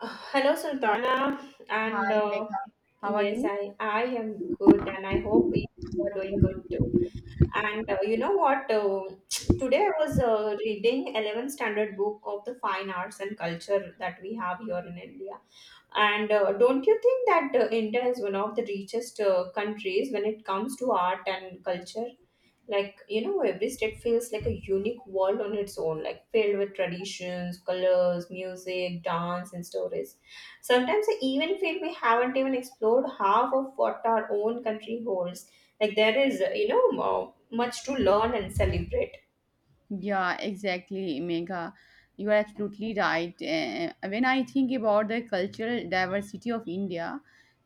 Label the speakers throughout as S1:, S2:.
S1: Hello, Sultana, and
S2: Hi,
S1: uh,
S2: Megha. How are
S1: yes,
S2: you?
S1: I am good, and I hope you are doing good too. And you know what? Today I was reading 11th standard book of the fine arts and culture that we have here in India. And don't you think that India is one of the richest countries when it comes to art and culture? Like you know every state feels like a unique world on its own, like filled with traditions, colors, music, dance and stories. Sometimes I even feel we haven't even explored half of what our own country holds. Like there is you know much to learn and celebrate.
S2: Yeah, exactly, Megha. You are absolutely right. When I think about the cultural diversity of India,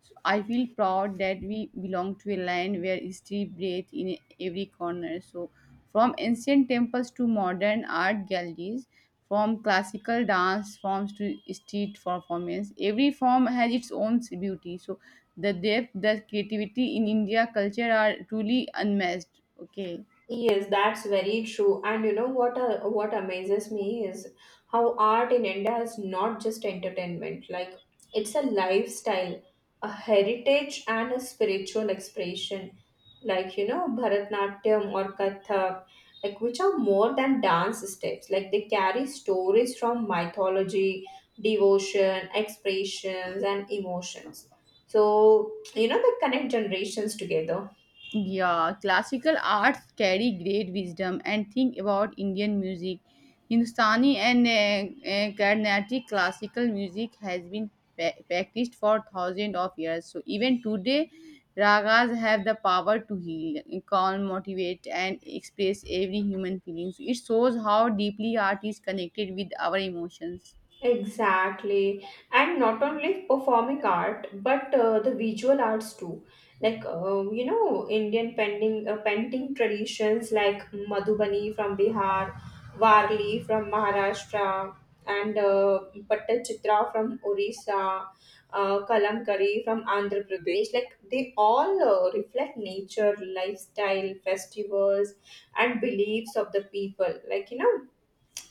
S2: so I feel proud that we belong to a land where history breathes in every corner. So, from ancient temples to modern art galleries, from classical dance forms to street performance, every form has its own beauty. So, the depth, the creativity in India culture are truly unmatched. Okay.
S1: Yes, that's very true. And you know what, what amazes me is how art in India is not just entertainment. Like it's a lifestyle, a heritage and a spiritual expression. Like, you know, Bharatnatyam or Kathak, like which are more than dance steps. Like they carry stories from mythology, devotion, expressions and emotions. So, you know, they connect generations together.
S2: Yeah, classical arts carry great wisdom and think about Indian music. Hindustani and Carnatic classical music has been practiced for thousands of years. So even today, ragas have the power to heal, calm, motivate, and express every human feeling. So it shows how deeply art is connected with our emotions.
S1: Exactly. And not only performing art, but the visual arts too. Like, you know, Indian painting, painting traditions like Madhubani from Bihar, Varli from Maharashtra, and Pattachitra from Orissa, Kalamkari from Andhra Pradesh. Like, they all reflect nature, lifestyle, festivals, and beliefs of the people. Like, you know,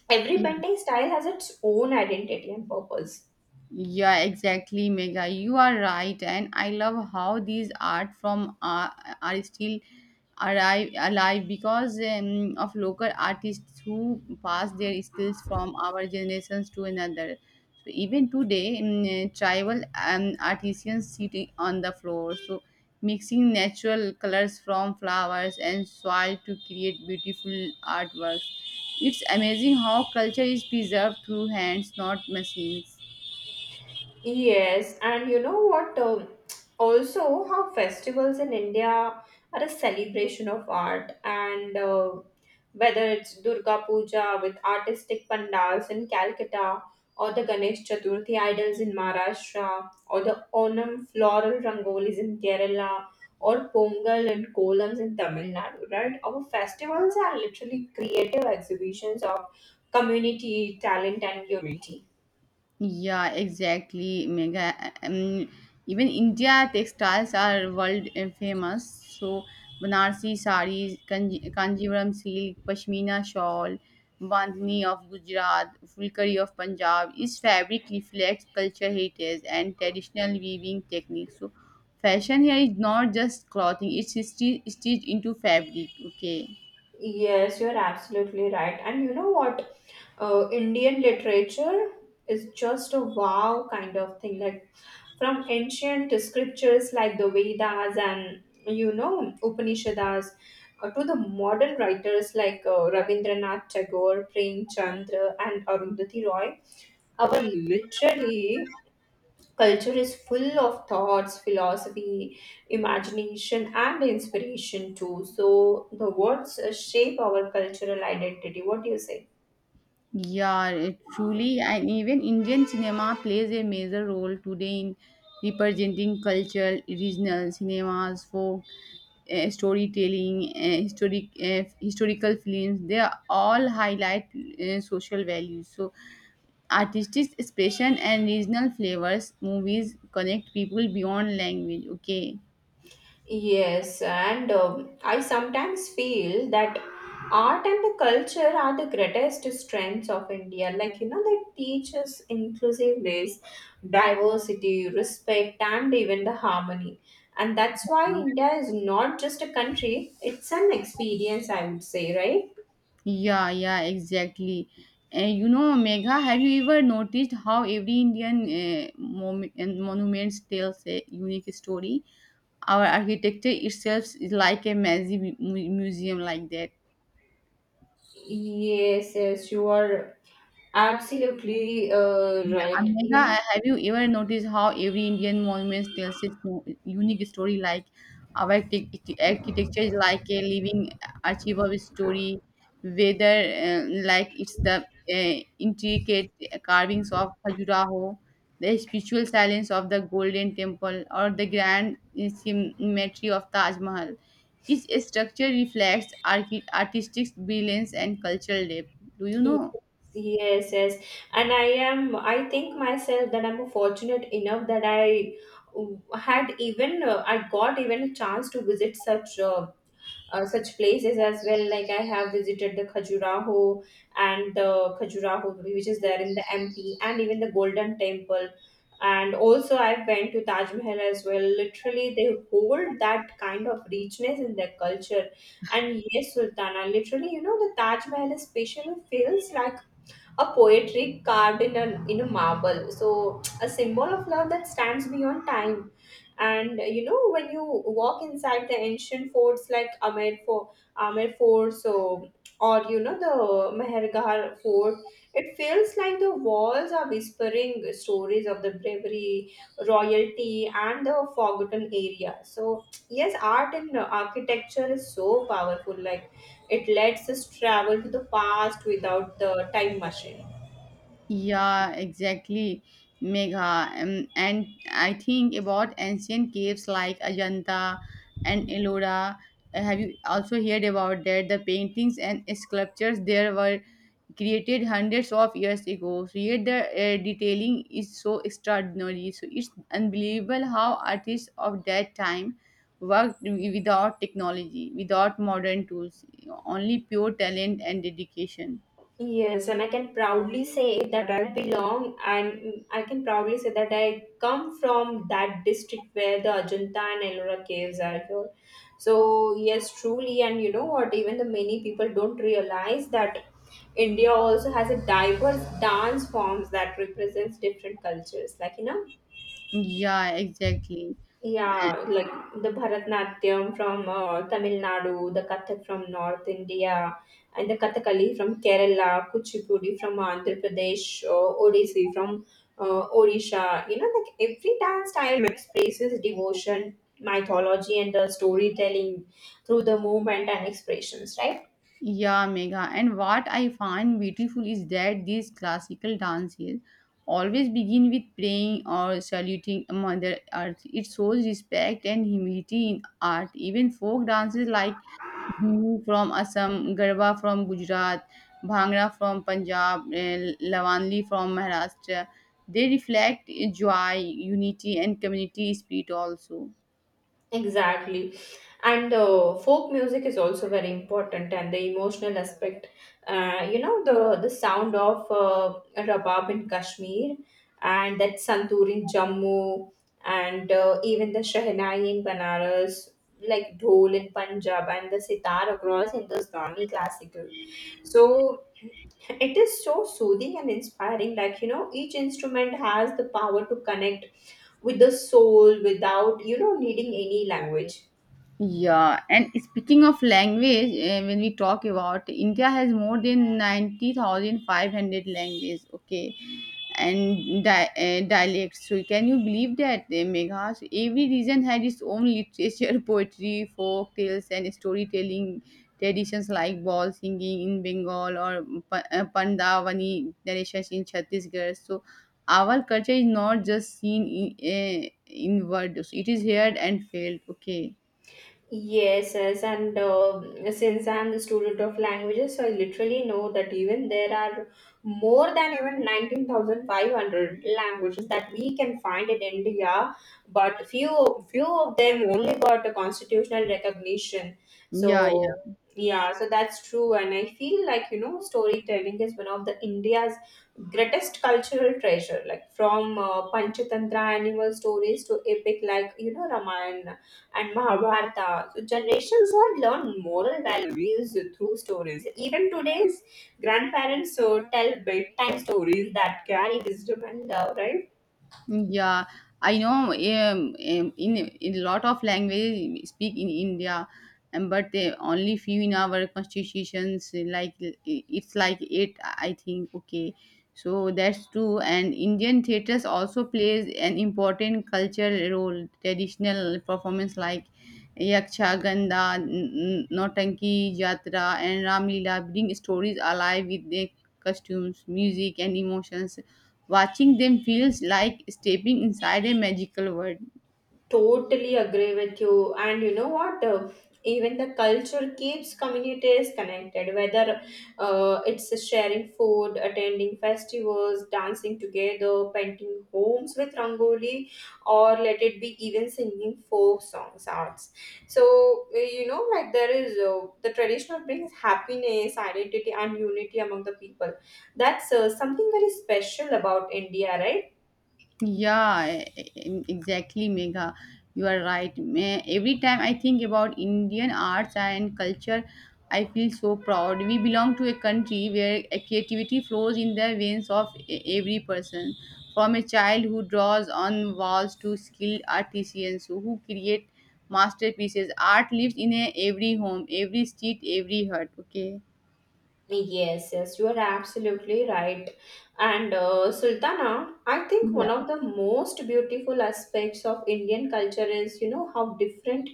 S1: every painting style has its own identity and purpose.
S2: Yeah, exactly, Mega. You are right, and I love how these art from are still arrive alive because of local artists who pass their skills from our generations to another. So even today, tribal artisans sitting on the floor, so mixing natural colors from flowers and soil to create beautiful artworks. It's amazing how culture is preserved through hands, not machines.
S1: Yes, and you know what? Also, how festivals in India are a celebration of art, and whether it's Durga Puja with artistic pandals in Calcutta, or the Ganesh Chaturthi idols in Maharashtra, or the Onam floral rangolis in Kerala, or Pongal and Kolams in Tamil Nadu, right? Our festivals are literally creative exhibitions of community, talent, and unity.
S2: Yeah, exactly, Mega. Um, Even India textiles are world famous. So Banarsi sarees, Kanjivaram silk, Pashmina shawl, Bandhani of Gujarat, Fulkari of Punjab. Each fabric reflects culture heritage and traditional weaving techniques. So fashion here is not just clothing; it's stitched into fabric. Okay.
S1: Yes, you're absolutely right. And you know what? Indian literature is just a wow kind of thing. Like from ancient scriptures like the Vedas and you know Upanishads, to the modern writers like Rabindranath Tagore, Premchand, and Arundhati Roy, our literally culture is full of thoughts, philosophy, imagination, and inspiration too. So the words shape our cultural identity. What do you say?
S2: Yeah, it truly, and even Indian cinema plays a major role today in representing cultural, regional cinemas, folk storytelling, historical films. They are all highlight social values. So, artistic expression and regional flavors movies connect people beyond language. Okay.
S1: Yes, and I sometimes feel that art and the culture are the greatest strengths of India. Like, you know, they teach us inclusiveness, diversity, respect, and even the harmony. And that's why India is not just a country, it's an experience, I would say, right?
S2: Yeah, yeah, exactly. And you know, Megha, have you ever noticed how every Indian mom- and monuments tells a unique story? Our architecture itself is like a massive museum like that.
S1: Yes, yes, you are absolutely
S2: Yeah,
S1: right.
S2: Megha,
S1: You
S2: have you ever noticed how every Indian monument tells its own unique story? Like our architecture is like a living archive of story, whether uh, like it's the uh, intricate carvings of Khajuraho, the spiritual silence of the Golden Temple, or the grand symmetry of Taj Mahal. Each structure reflects artistic brilliance and cultural depth. Do you
S1: know,
S2: know?
S1: yes, yes, and I am. I think myself that I'm fortunate enough that I had even I got even a chance to visit such such places as well. Like I have visited the Khajuraho, which is there in the MP, and even the Golden Temple. And also, I went to Taj Mahal as well. Literally, they hold that kind of richness in their culture. And yes, Sultana, literally, you know, the Taj Mahal especially feels like a poetry carved in in a marble, so a symbol of love that stands beyond time, and you know when you walk inside the ancient forts like Amer Fort, so or you know the Mehergar Fort, it feels like the walls are whispering stories of the bravery, royalty and the forgotten area. So yes, art and architecture is so powerful, like it lets us travel to the past without the time machine.
S2: Yeah, exactly, Megha. And I think about ancient caves like Ajanta and Ellora. Have you also heard about that? The paintings and sculptures there were created hundreds of years ago. So yet the detailing is so extraordinary. So it's unbelievable how artists of that time worked without technology, without modern tools, only pure talent and dedication.
S1: Yes, and I can proudly say that I come from that district where the Ajanta and Ellora caves are here. So, yes, truly, and you know what, even the many people don't realize that India also has a diverse dance forms that represents different cultures. Like, you know,
S2: Yeah, exactly.
S1: yeah, like the Bharatnatyam from Tamil Nadu, the Kathak from North India, and the Kathakali from Kerala, Kuchipudi from Andhra Pradesh, Odissi from Odisha. You know, like every dance style expresses devotion, mythology, and the storytelling through the movement and expressions, right?
S2: Yeah, Megha. And what I find beautiful is that these classical dances always begin with praying or saluting Mother Earth. It shows respect and humility in art. Even folk dances like Bihu from Assam, Garba from Gujarat, Bhangra from Punjab, Lavanli from Maharashtra, they reflect joy, unity, and community spirit also.
S1: Exactly. And folk music is also very important, and the emotional aspect. You know the sound of rabab in Kashmir, and that santoor in Jammu, and even the shehnai in Banaras, like dhol in Punjab, and the sitar across Hindustani classical. So it is so soothing and inspiring. Like you know, each instrument has the power to connect with the soul without you know needing any language.
S2: Yeah, and speaking of language, when we talk about India has more than 90,500 languages, okay, and dialects. So can you believe that, Megha? So every region had its own literature, poetry, folk tales, and storytelling traditions like ball singing in Bengal or Pandavani narrations in Chhattisgarh. So our culture is not just seen in, in words, it is heard and felt. Okay.
S1: Yes, yes, and since I'm the student of languages, so I literally know that even there are more than even 19,500 languages that we can find in India, but few of them only got a constitutional recognition.
S2: Yeah, yeah,
S1: So yeah, so that's true, and I feel like you know storytelling is one of the India's greatest cultural treasure, like from Panchatantra animal stories to epic like you know Ramayana and Mahabharata. So generations have learned moral values through stories. Even today's grandparents so tell bedtime stories that carry wisdom and love, right?
S2: yeah. I know. In a lot of languages we speak in India, and but they only few in our constitutions. Like it's like eight, I think. Okay, so that's true. And Indian theaters also plays an important cultural role. Traditional performance like Yaksha Ganda, nautanki, Jatra, and Ramlila bring stories alive with their costumes, music, and emotions. Watching them feels like stepping inside a magical world.
S1: Totally agree with you, and you know what, even the culture keeps communities connected, whether it's sharing food, attending festivals, dancing together, painting homes with rangoli, or let it be even singing folk songs, arts. So you know, like there is the traditional brings happiness, identity and unity among the people. That's something very special about India, right?
S2: Yeah, exactly, Megha. You are right. Every time I think about Indian arts and culture, I feel so proud. We belong to a country where a creativity flows in the veins of every person, from a child who draws on walls to skilled artisans who create masterpieces. Art lives in a, every home, every street, every hut. Okay.
S1: Yes, yes, you are absolutely right. And Sultana, I think
S2: Yeah.
S1: one of the most beautiful aspects of Indian culture is, you know, how different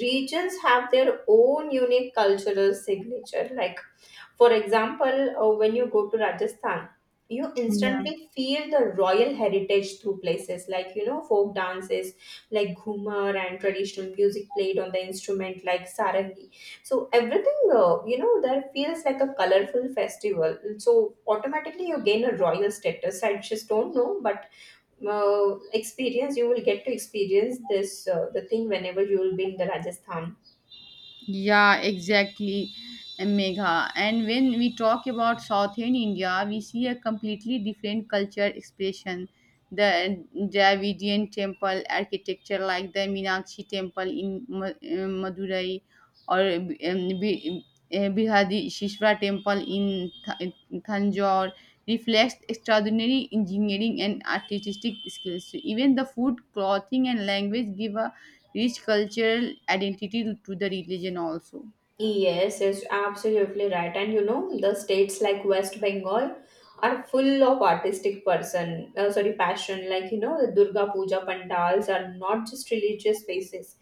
S1: regions have their own unique cultural signature. Like for example, when you go to Rajasthan, you
S2: Yeah.
S1: instantly feel the royal heritage through places like you know folk dances like ghumar and traditional music played on the instrument like sarangi. So everything you know there feels like a colorful festival. So automatically you gain a royal status. I just don't know, but experience, you will get to experience this the thing whenever you will be in the Rajasthan.
S2: Yeah, exactly, Megha. And when we talk about Southern India, we see a completely different culture expression. The Dravidian temple architecture, like the Meenakshi temple in Madurai, or Bi- Bihadi temple in Th- Thanjore, reflects extraordinary engineering and artistic skills. So even the food, clothing, and language give a rich cultural identity to the religion also.
S1: Yes, it's absolutely right. And you know, the states like West Bengal are full of artistic person, sorry, passion. Like, you know, the Durga Puja pandals are not just religious spaces.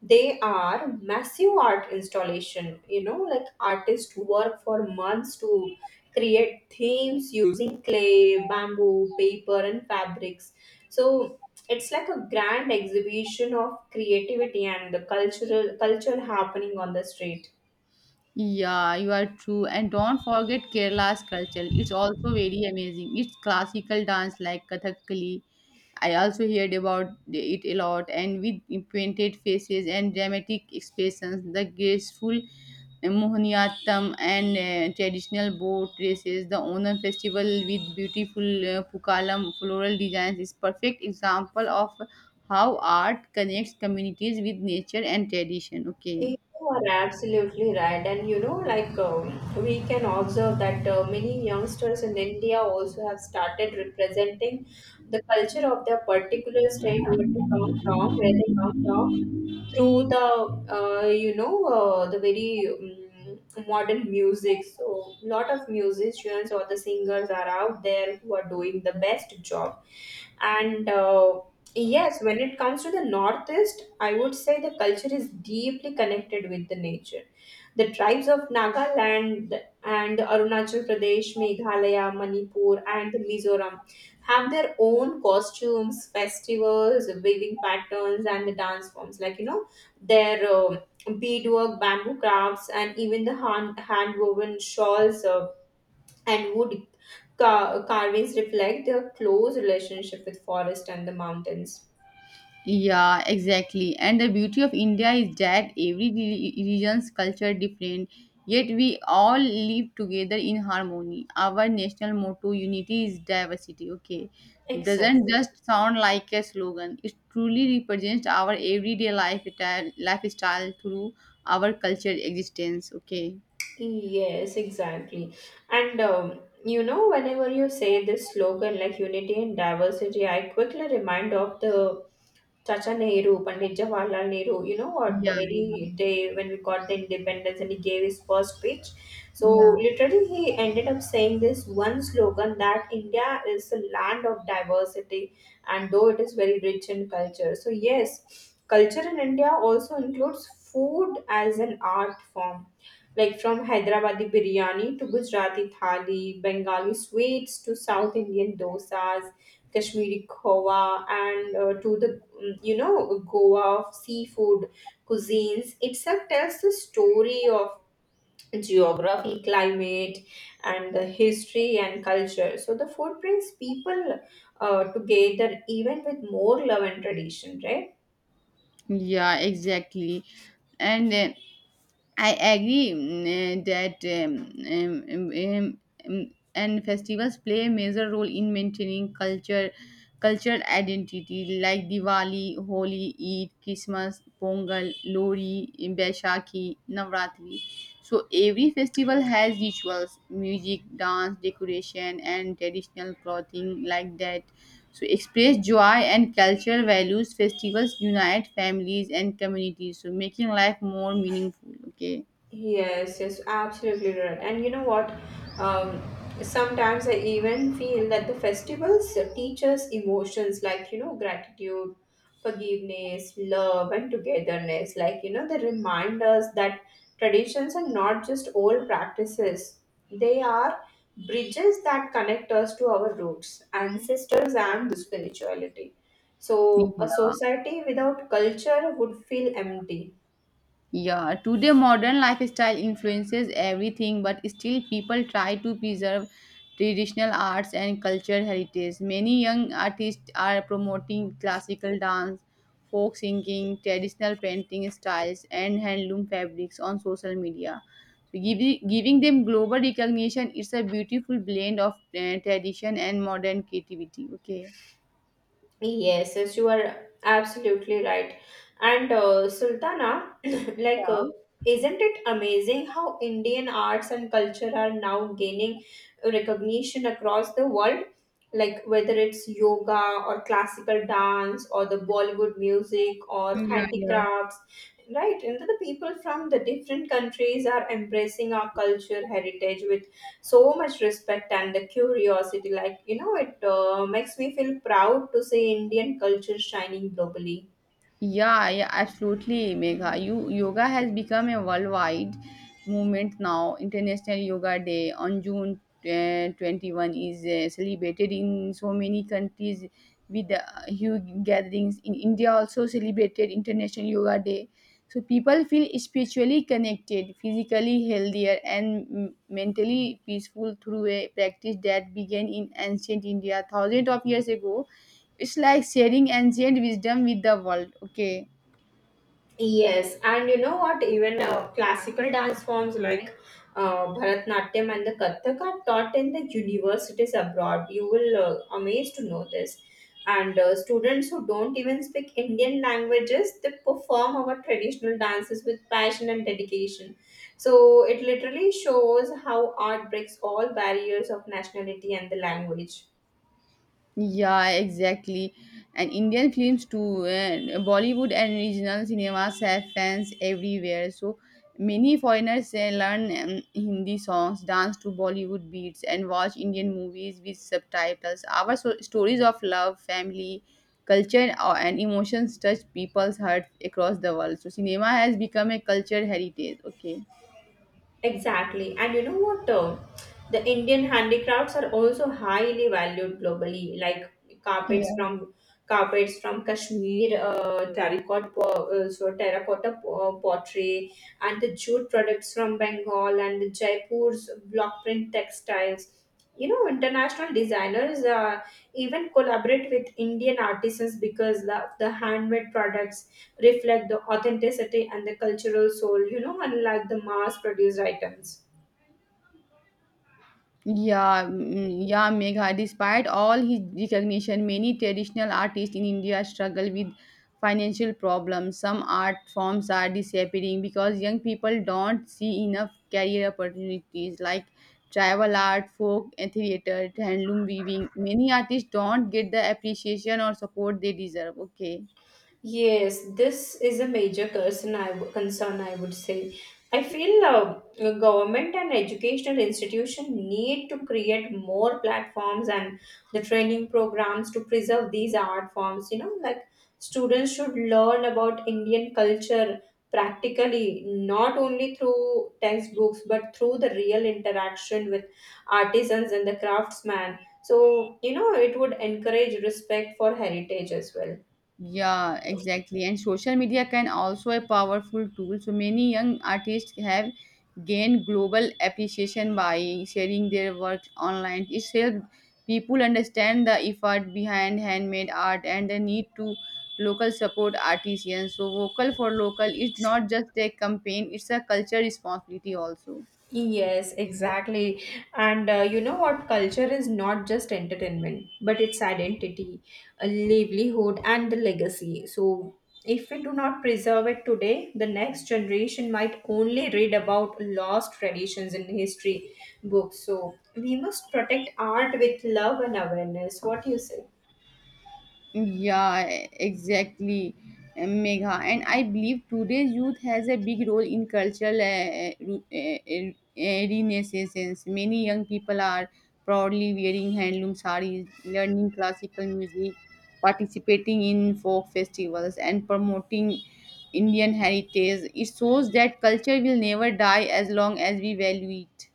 S1: They are massive art installation. You know, like artists work for months to create themes using clay, bamboo, paper, and fabrics. So it's like a grand exhibition of creativity and the cultural culture happening on the street.
S2: Yeah, you are true. And don't forget Kerala's culture. It's also very amazing. It's classical dance like Kathakali. I also heard about it a lot. And with painted faces and dramatic expressions, the graceful Mohiniyattam and traditional boat races, the Onam festival with beautiful Pukalam floral designs is perfect example of how art connects communities with nature and tradition. Okay.
S1: You are absolutely right, and you know, like we can observe that many youngsters in India also have started representing the culture of their particular state where they come from, through the you know the very modern music. So lot of musicians or the singers are out there who are doing the best job, and yes, when it comes to the northeast, I would say the culture is deeply connected with the nature. The tribes of Nagaland and Arunachal Pradesh, Meghalaya, Manipur and the Mizoram have their own costumes, festivals, weaving patterns and the dance forms, like you know their beadwork, bamboo crafts, and even the hand woven shawls, and wood carvings reflect their close relationship with forest and the mountains.
S2: Yeah, exactly. And the beauty of India is that every region's culture different, yet we all live together in harmony. Our national motto, unity is diversity, okay, doesn't
S1: Exactly.
S2: just sound like a slogan. It truly represents our everyday lifestyle through our culture existence. Okay.
S1: Yes, exactly. And you know, whenever you say this slogan like unity and diversity, I quickly remind of the Chacha Nehru, Pandit Jawaharlal Nehru, you know what, the
S2: Yeah, yeah,
S1: very day when we got the independence and he gave his first speech. So
S2: yeah.
S1: literally he ended up saying this one slogan that India is a land of diversity and though it is very rich in culture. So yes, culture in India also includes food as an art form. Like from Hyderabadi biryani to Gujarati thali, Bengali sweets to South Indian dosas, Kashmiri khowa, and to the you know Goa of seafood cuisines, itself tells the story of geography, climate, and the history and culture. So the food brings people together even with more love and tradition, right?
S2: Yeah, exactly. And then I agree that and festivals play a major role in maintaining culture, cultural identity like Diwali, Holi, Eid, Christmas, Pongal, Lori, Baishakhi, Navratri. So every festival has rituals, music, dance, decoration, and traditional clothing like that. So express joy and cultural values. Festivals unite families and communities, so making life more meaningful. Okay.
S1: Yes, yes, absolutely right. And you know what? Um, Sometimes I even feel that the festivals teach us emotions like, you know, gratitude, forgiveness, love, and togetherness. Like, you know, they remind us that traditions are not just old practices, they are bridges that connect us to our roots, ancestors, and the spirituality. So, a
S2: Yeah.
S1: society without culture would feel empty.
S2: Yeah, today modern lifestyle influences everything, but still people try to preserve traditional arts and cultural heritage. Many young artists are promoting classical dance, folk singing, traditional painting styles, and handloom fabrics on social media. So giving them global recognition, it's a beautiful blend of tradition and modern creativity. Okay.
S1: Yes, yes, you are absolutely right. And Sultana, like,
S2: Yeah.
S1: isn't it amazing how Indian arts and culture are now gaining recognition across the world? Like, whether it's yoga or classical dance or the Bollywood music or
S2: Yeah, yeah.
S1: handicrafts, right? And the people from the different countries are embracing our culture heritage with so much respect and the curiosity, like you know it makes me feel proud to see Indian culture shining globally.
S2: Yeah, yeah, absolutely, Megha. You yoga has become a worldwide movement now. International Yoga Day on June 21st is celebrated in so many countries with huge gatherings. In India, also celebrated International Yoga Day. So people feel spiritually connected, physically healthier, and mentally peaceful through a practice that began in ancient India thousands of years ago. It's like sharing ancient wisdom with the world. Okay.
S1: Yes, and you know what? Even classical dance forms like Bharatnatyam and the Kathak are taught in the universities abroad. You will amazed to know this. And students who don't even speak Indian languages, they perform our traditional dances with passion and dedication. So it literally shows how art breaks all barriers of nationality and the language.
S2: Yeah, exactly. And Indian films too and Bollywood and regional cinemas have fans everywhere. So many foreigners learn Hindi songs, dance to Bollywood beats, and watch Indian movies with subtitles. Our stories of love, family, culture, and emotions touch people's hearts across the world. So cinema has become a culture heritage. Okay.
S1: Exactly. And you know what? The Indian handicrafts are also highly valued globally, like carpets from carpets from Kashmir, terracotta, so terracotta pottery, and the jute products from Bengal and the Jaipur's block print textiles. You know, international designers even collaborate with Indian artisans because of the handmade products reflect the authenticity and the cultural soul, you know, unlike the mass produced items.
S2: Yeah, yeah, Megha. Despite all his recognition, many traditional artists in India struggle with financial problems. Some art forms are disappearing because young people don't see enough career opportunities like tribal art, folk and theater, handloom weaving. Many artists don't get the appreciation or support they deserve. Okay.
S1: Yes, this is a major concern I would say. I feel the government and educational institution need to create more platforms and the training programs to preserve these art forms. You know, like students should learn about Indian culture practically, not only through textbooks, but through the real interaction with artisans and the craftsmen. So, you know, it would encourage respect for heritage as well.
S2: Yeah, exactly. And social media can also a powerful tool. So many young artists have gained global appreciation by sharing their works online. It helps people understand the effort behind handmade art and the need to local support artisans. So vocal for local is not just a campaign, it's a culture responsibility also.
S1: Yes, exactly. And you know what? Culture is not just entertainment, but it's identity, a livelihood, and the legacy. So, if we do not preserve it today, the next generation might only read about lost traditions in history books. So, we must protect art with love and awareness. What do you say?
S2: Yeah, exactly, Megha. And I believe today's youth has a big role in cultural renaissance. Many young people are proudly wearing handloom sarees, learning classical music, participating in folk festivals, and promoting Indian heritage. It shows that culture will never die as long as we value it.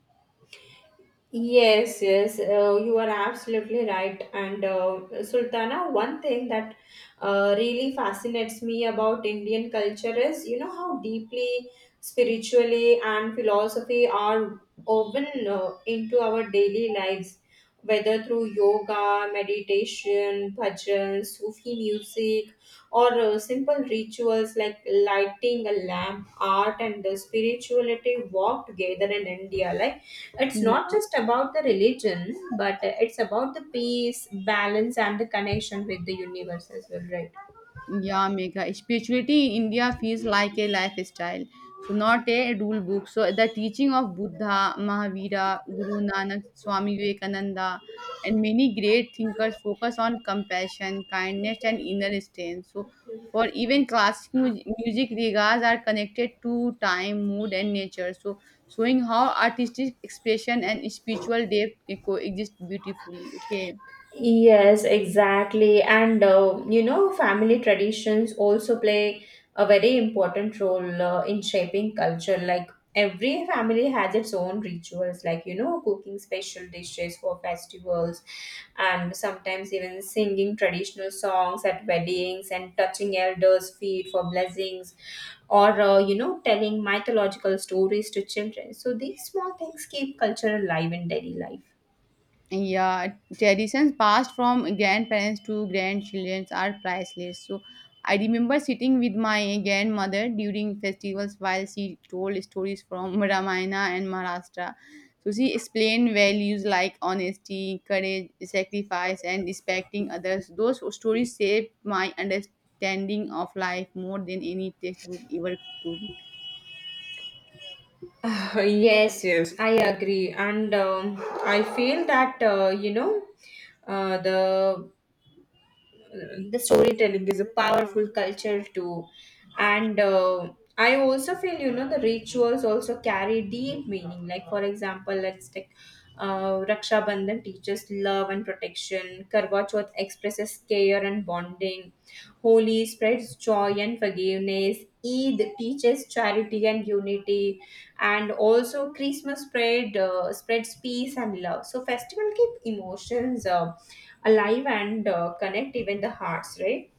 S1: Yes, yes, you are absolutely right. And Sultana, one thing that really fascinates me about Indian culture is, you know, how deeply spiritually and philosophy are woven into our daily lives, whether through yoga, meditation, bhajan, Sufi music, or simple rituals like lighting a lamp. Art and the spirituality walk together in India, like it's not
S2: Yeah.
S1: just about the religion, but it's about the peace, balance, and the connection with the universe as well, right?
S2: Yeah, mega. Spirituality in India feels like a lifestyle, so not a rule book. So the teaching of Buddha, Mahavira, Guru Nanak, Swami Vivekananda, and many great thinkers focus on compassion, kindness, and inner strength. So for even classic music, ragas are connected to time, mood, and nature. So showing how artistic expression and spiritual depth coexist beautifully. Okay.
S1: Yes, exactly. And you know, family traditions also play a very important role in shaping culture. Like every family has its own rituals, like you know, cooking special dishes for festivals, and sometimes even singing traditional songs at weddings and touching elders' feet for blessings, or you know, telling mythological stories to children. So these small things keep culture alive in daily life.
S2: Yeah, traditions passed from grandparents to grandchildren are priceless. So I remember sitting with my grandmother during festivals while she told stories from Ramayana and Maharashtra. So she explained values like honesty, courage, sacrifice, and respecting others. Those stories shaped my understanding of life more than any textbook ever could.
S1: Yes, yes, I agree, and I feel that you know uh, the the storytelling is a powerful culture too and I also feel you know the rituals also carry deep meaning, like for example let's take Raksha Bandhan teaches love and protection. Karwa Chauth expresses care and bonding. Holi spreads joy and forgiveness. Eid teaches charity and unity. And also Christmas spreads peace and love. So festival keep emotions alive and connect even the hearts, right?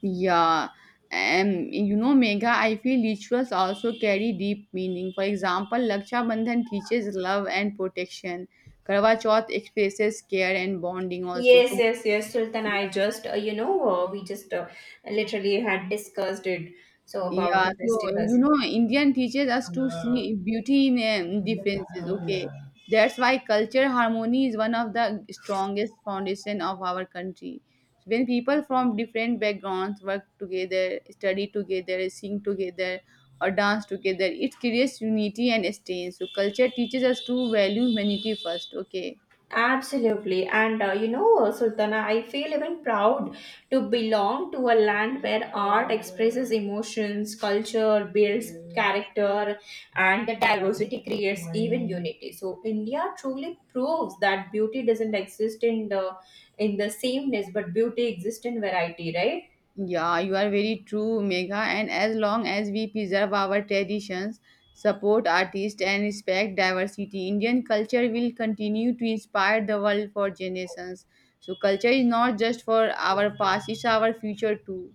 S2: Yeah, and you know, Megha, I feel rituals also carry deep meaning. For example, Laksha Bandhan teaches love and protection. Karwa Chauth expresses care and bonding also.
S1: Yes,
S2: So,
S1: yes, yes, Sultan. I just, you know, we just literally had discussed it. So about
S2: yeah,
S1: the
S2: so
S1: festivals.
S2: you know, Indian teaches us to see beauty in differences. Okay, that's why culture harmony is one of the strongest foundation of our country. So, when people from different backgrounds work together, study together, sing together, or dance together, it creates unity and strength. So culture teaches us to value humanity first. Okay.
S1: Absolutely. And you know, Sultana, I feel even proud to belong to a land where art expresses emotions, culture, builds character, and the diversity creates even unity. So India truly proves that beauty doesn't exist in the sameness, but beauty exists in variety, right?
S2: Yeah, you are very true, Megha. And as long as we preserve our traditions, support artists, and respect diversity, Indian culture will continue to inspire the world for generations. So, culture is not just for our past, it's our future too.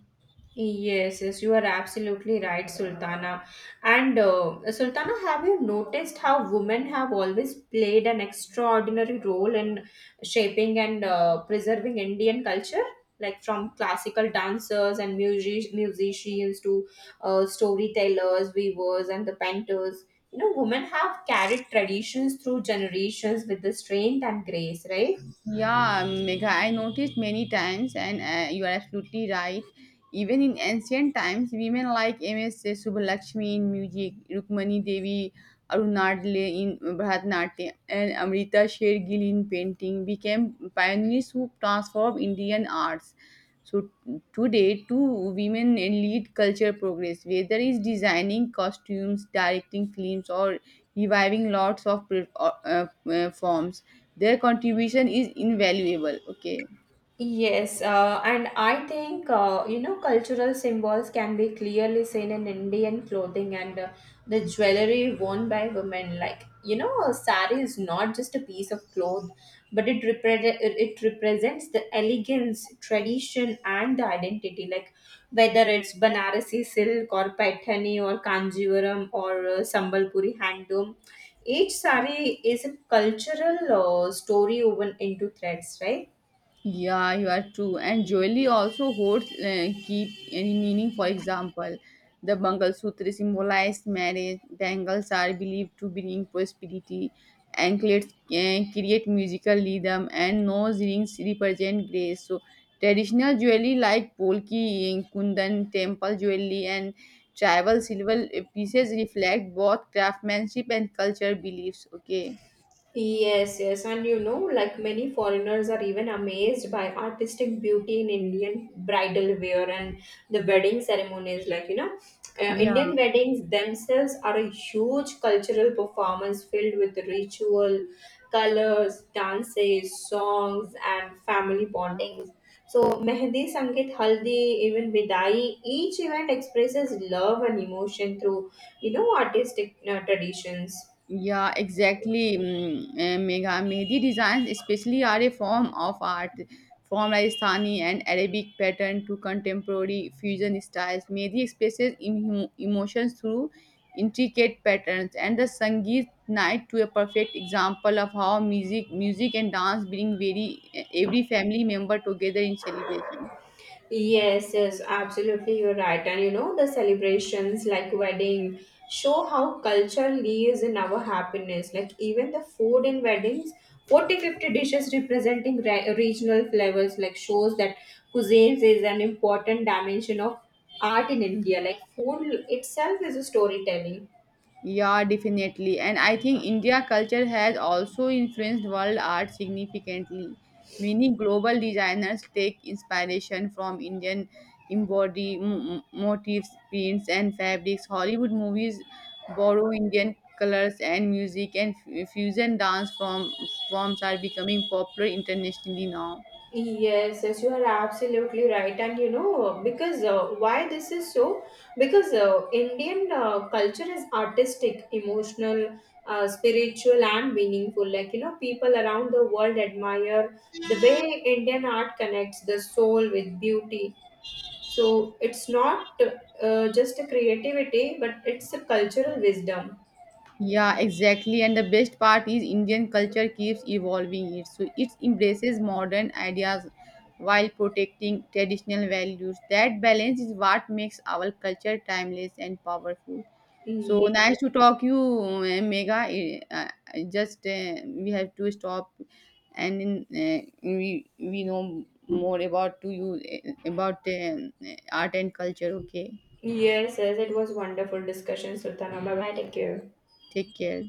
S1: Yes, yes, you are absolutely right, Sultana. And Sultana, have you noticed how women have always played an extraordinary role in shaping and preserving Indian culture? Like from classical dancers and musicians to storytellers, weavers, and the painters. You know, women have carried traditions through generations with the strength and grace, right?
S2: Yeah, Megha, I noticed many times, and you are absolutely right. Even in ancient times, women like M.S. Subbulakshmi in music, Rukmani Devi, Arunadle in Bharatanatyam, and Amrita Sher Gill in painting became pioneers who transformed Indian arts. So today, two women lead culture progress, whether it's designing costumes, directing films, or reviving lots of forms. Their contribution is invaluable. Okay.
S1: Yes, and I think you know cultural symbols can be clearly seen in Indian clothing and the jewelry worn by women. Like you know, a sari is not just a piece of cloth, but it represents the elegance, tradition, and the identity. Like whether it's Banarasi silk or Paithani or Kanjivaram or Sambalpuri handloom, each sari is a cultural story woven into threads, right?
S2: Yeah, you are true. And jewelry also holds keep any meaning. For example, the Sutra symbolized marriage. Bangles are believed to bring prosperity. Anklets create musical rhythm, and nose rings represent grace. So, traditional jewelry like polki, kundan, temple jewelry, and tribal silver pieces reflect both craftsmanship and culture beliefs. Okay.
S1: Yes, yes, and you know, like many foreigners are even amazed by artistic beauty in Indian bridal wear and the wedding ceremonies. Like, you know,
S2: Yeah.
S1: Indian weddings themselves are a huge cultural performance filled with ritual, colors, dances, songs, and family bondings. So, Mehndi, Sangeet, Haldi, even Vidai, each event expresses love and emotion through, you know, artistic traditions.
S2: Yeah, exactly. Megha, Mehdi designs especially are a form of art from Rajasthani and Arabic pattern to contemporary fusion styles. Mehdi expresses emotions through intricate patterns and the Sangeet night to a perfect example of how music and dance bring very every family member together in celebration.
S1: Yes, yes, absolutely, you're right. And you know, the celebrations like wedding show how culture lives in our happiness. Like even the food in weddings, 40-50 dishes representing regional flavors, like shows that cuisines is an important dimension of art in India. Like food itself is a storytelling.
S2: Yeah, definitely. And I think India culture has also influenced world art significantly. Many global designers take inspiration from Indian embroidery motifs, prints, and fabrics. Hollywood movies borrow Indian colors and music, and fusion dance form forms are becoming popular internationally now.
S1: Yes, yes, you are absolutely right. And you know, because why this is so? Because Indian culture is artistic, emotional, spiritual, and meaningful. Like, you know, people around the world admire the way Indian art connects the soul with beauty. So it's not just a creativity, but it's a cultural wisdom.
S2: Yeah, exactly. And the best part is Indian culture keeps evolving it. So it embraces modern ideas while protecting traditional values. That balance is what makes our culture timeless and powerful. So
S1: Ye-
S2: nice to talk you, Megha. Just we have to stop, and in, we know more about to you about art and culture. Okay,
S1: Yes, yes, it was wonderful discussion, Sultanaba. Bye, take care.
S2: take care.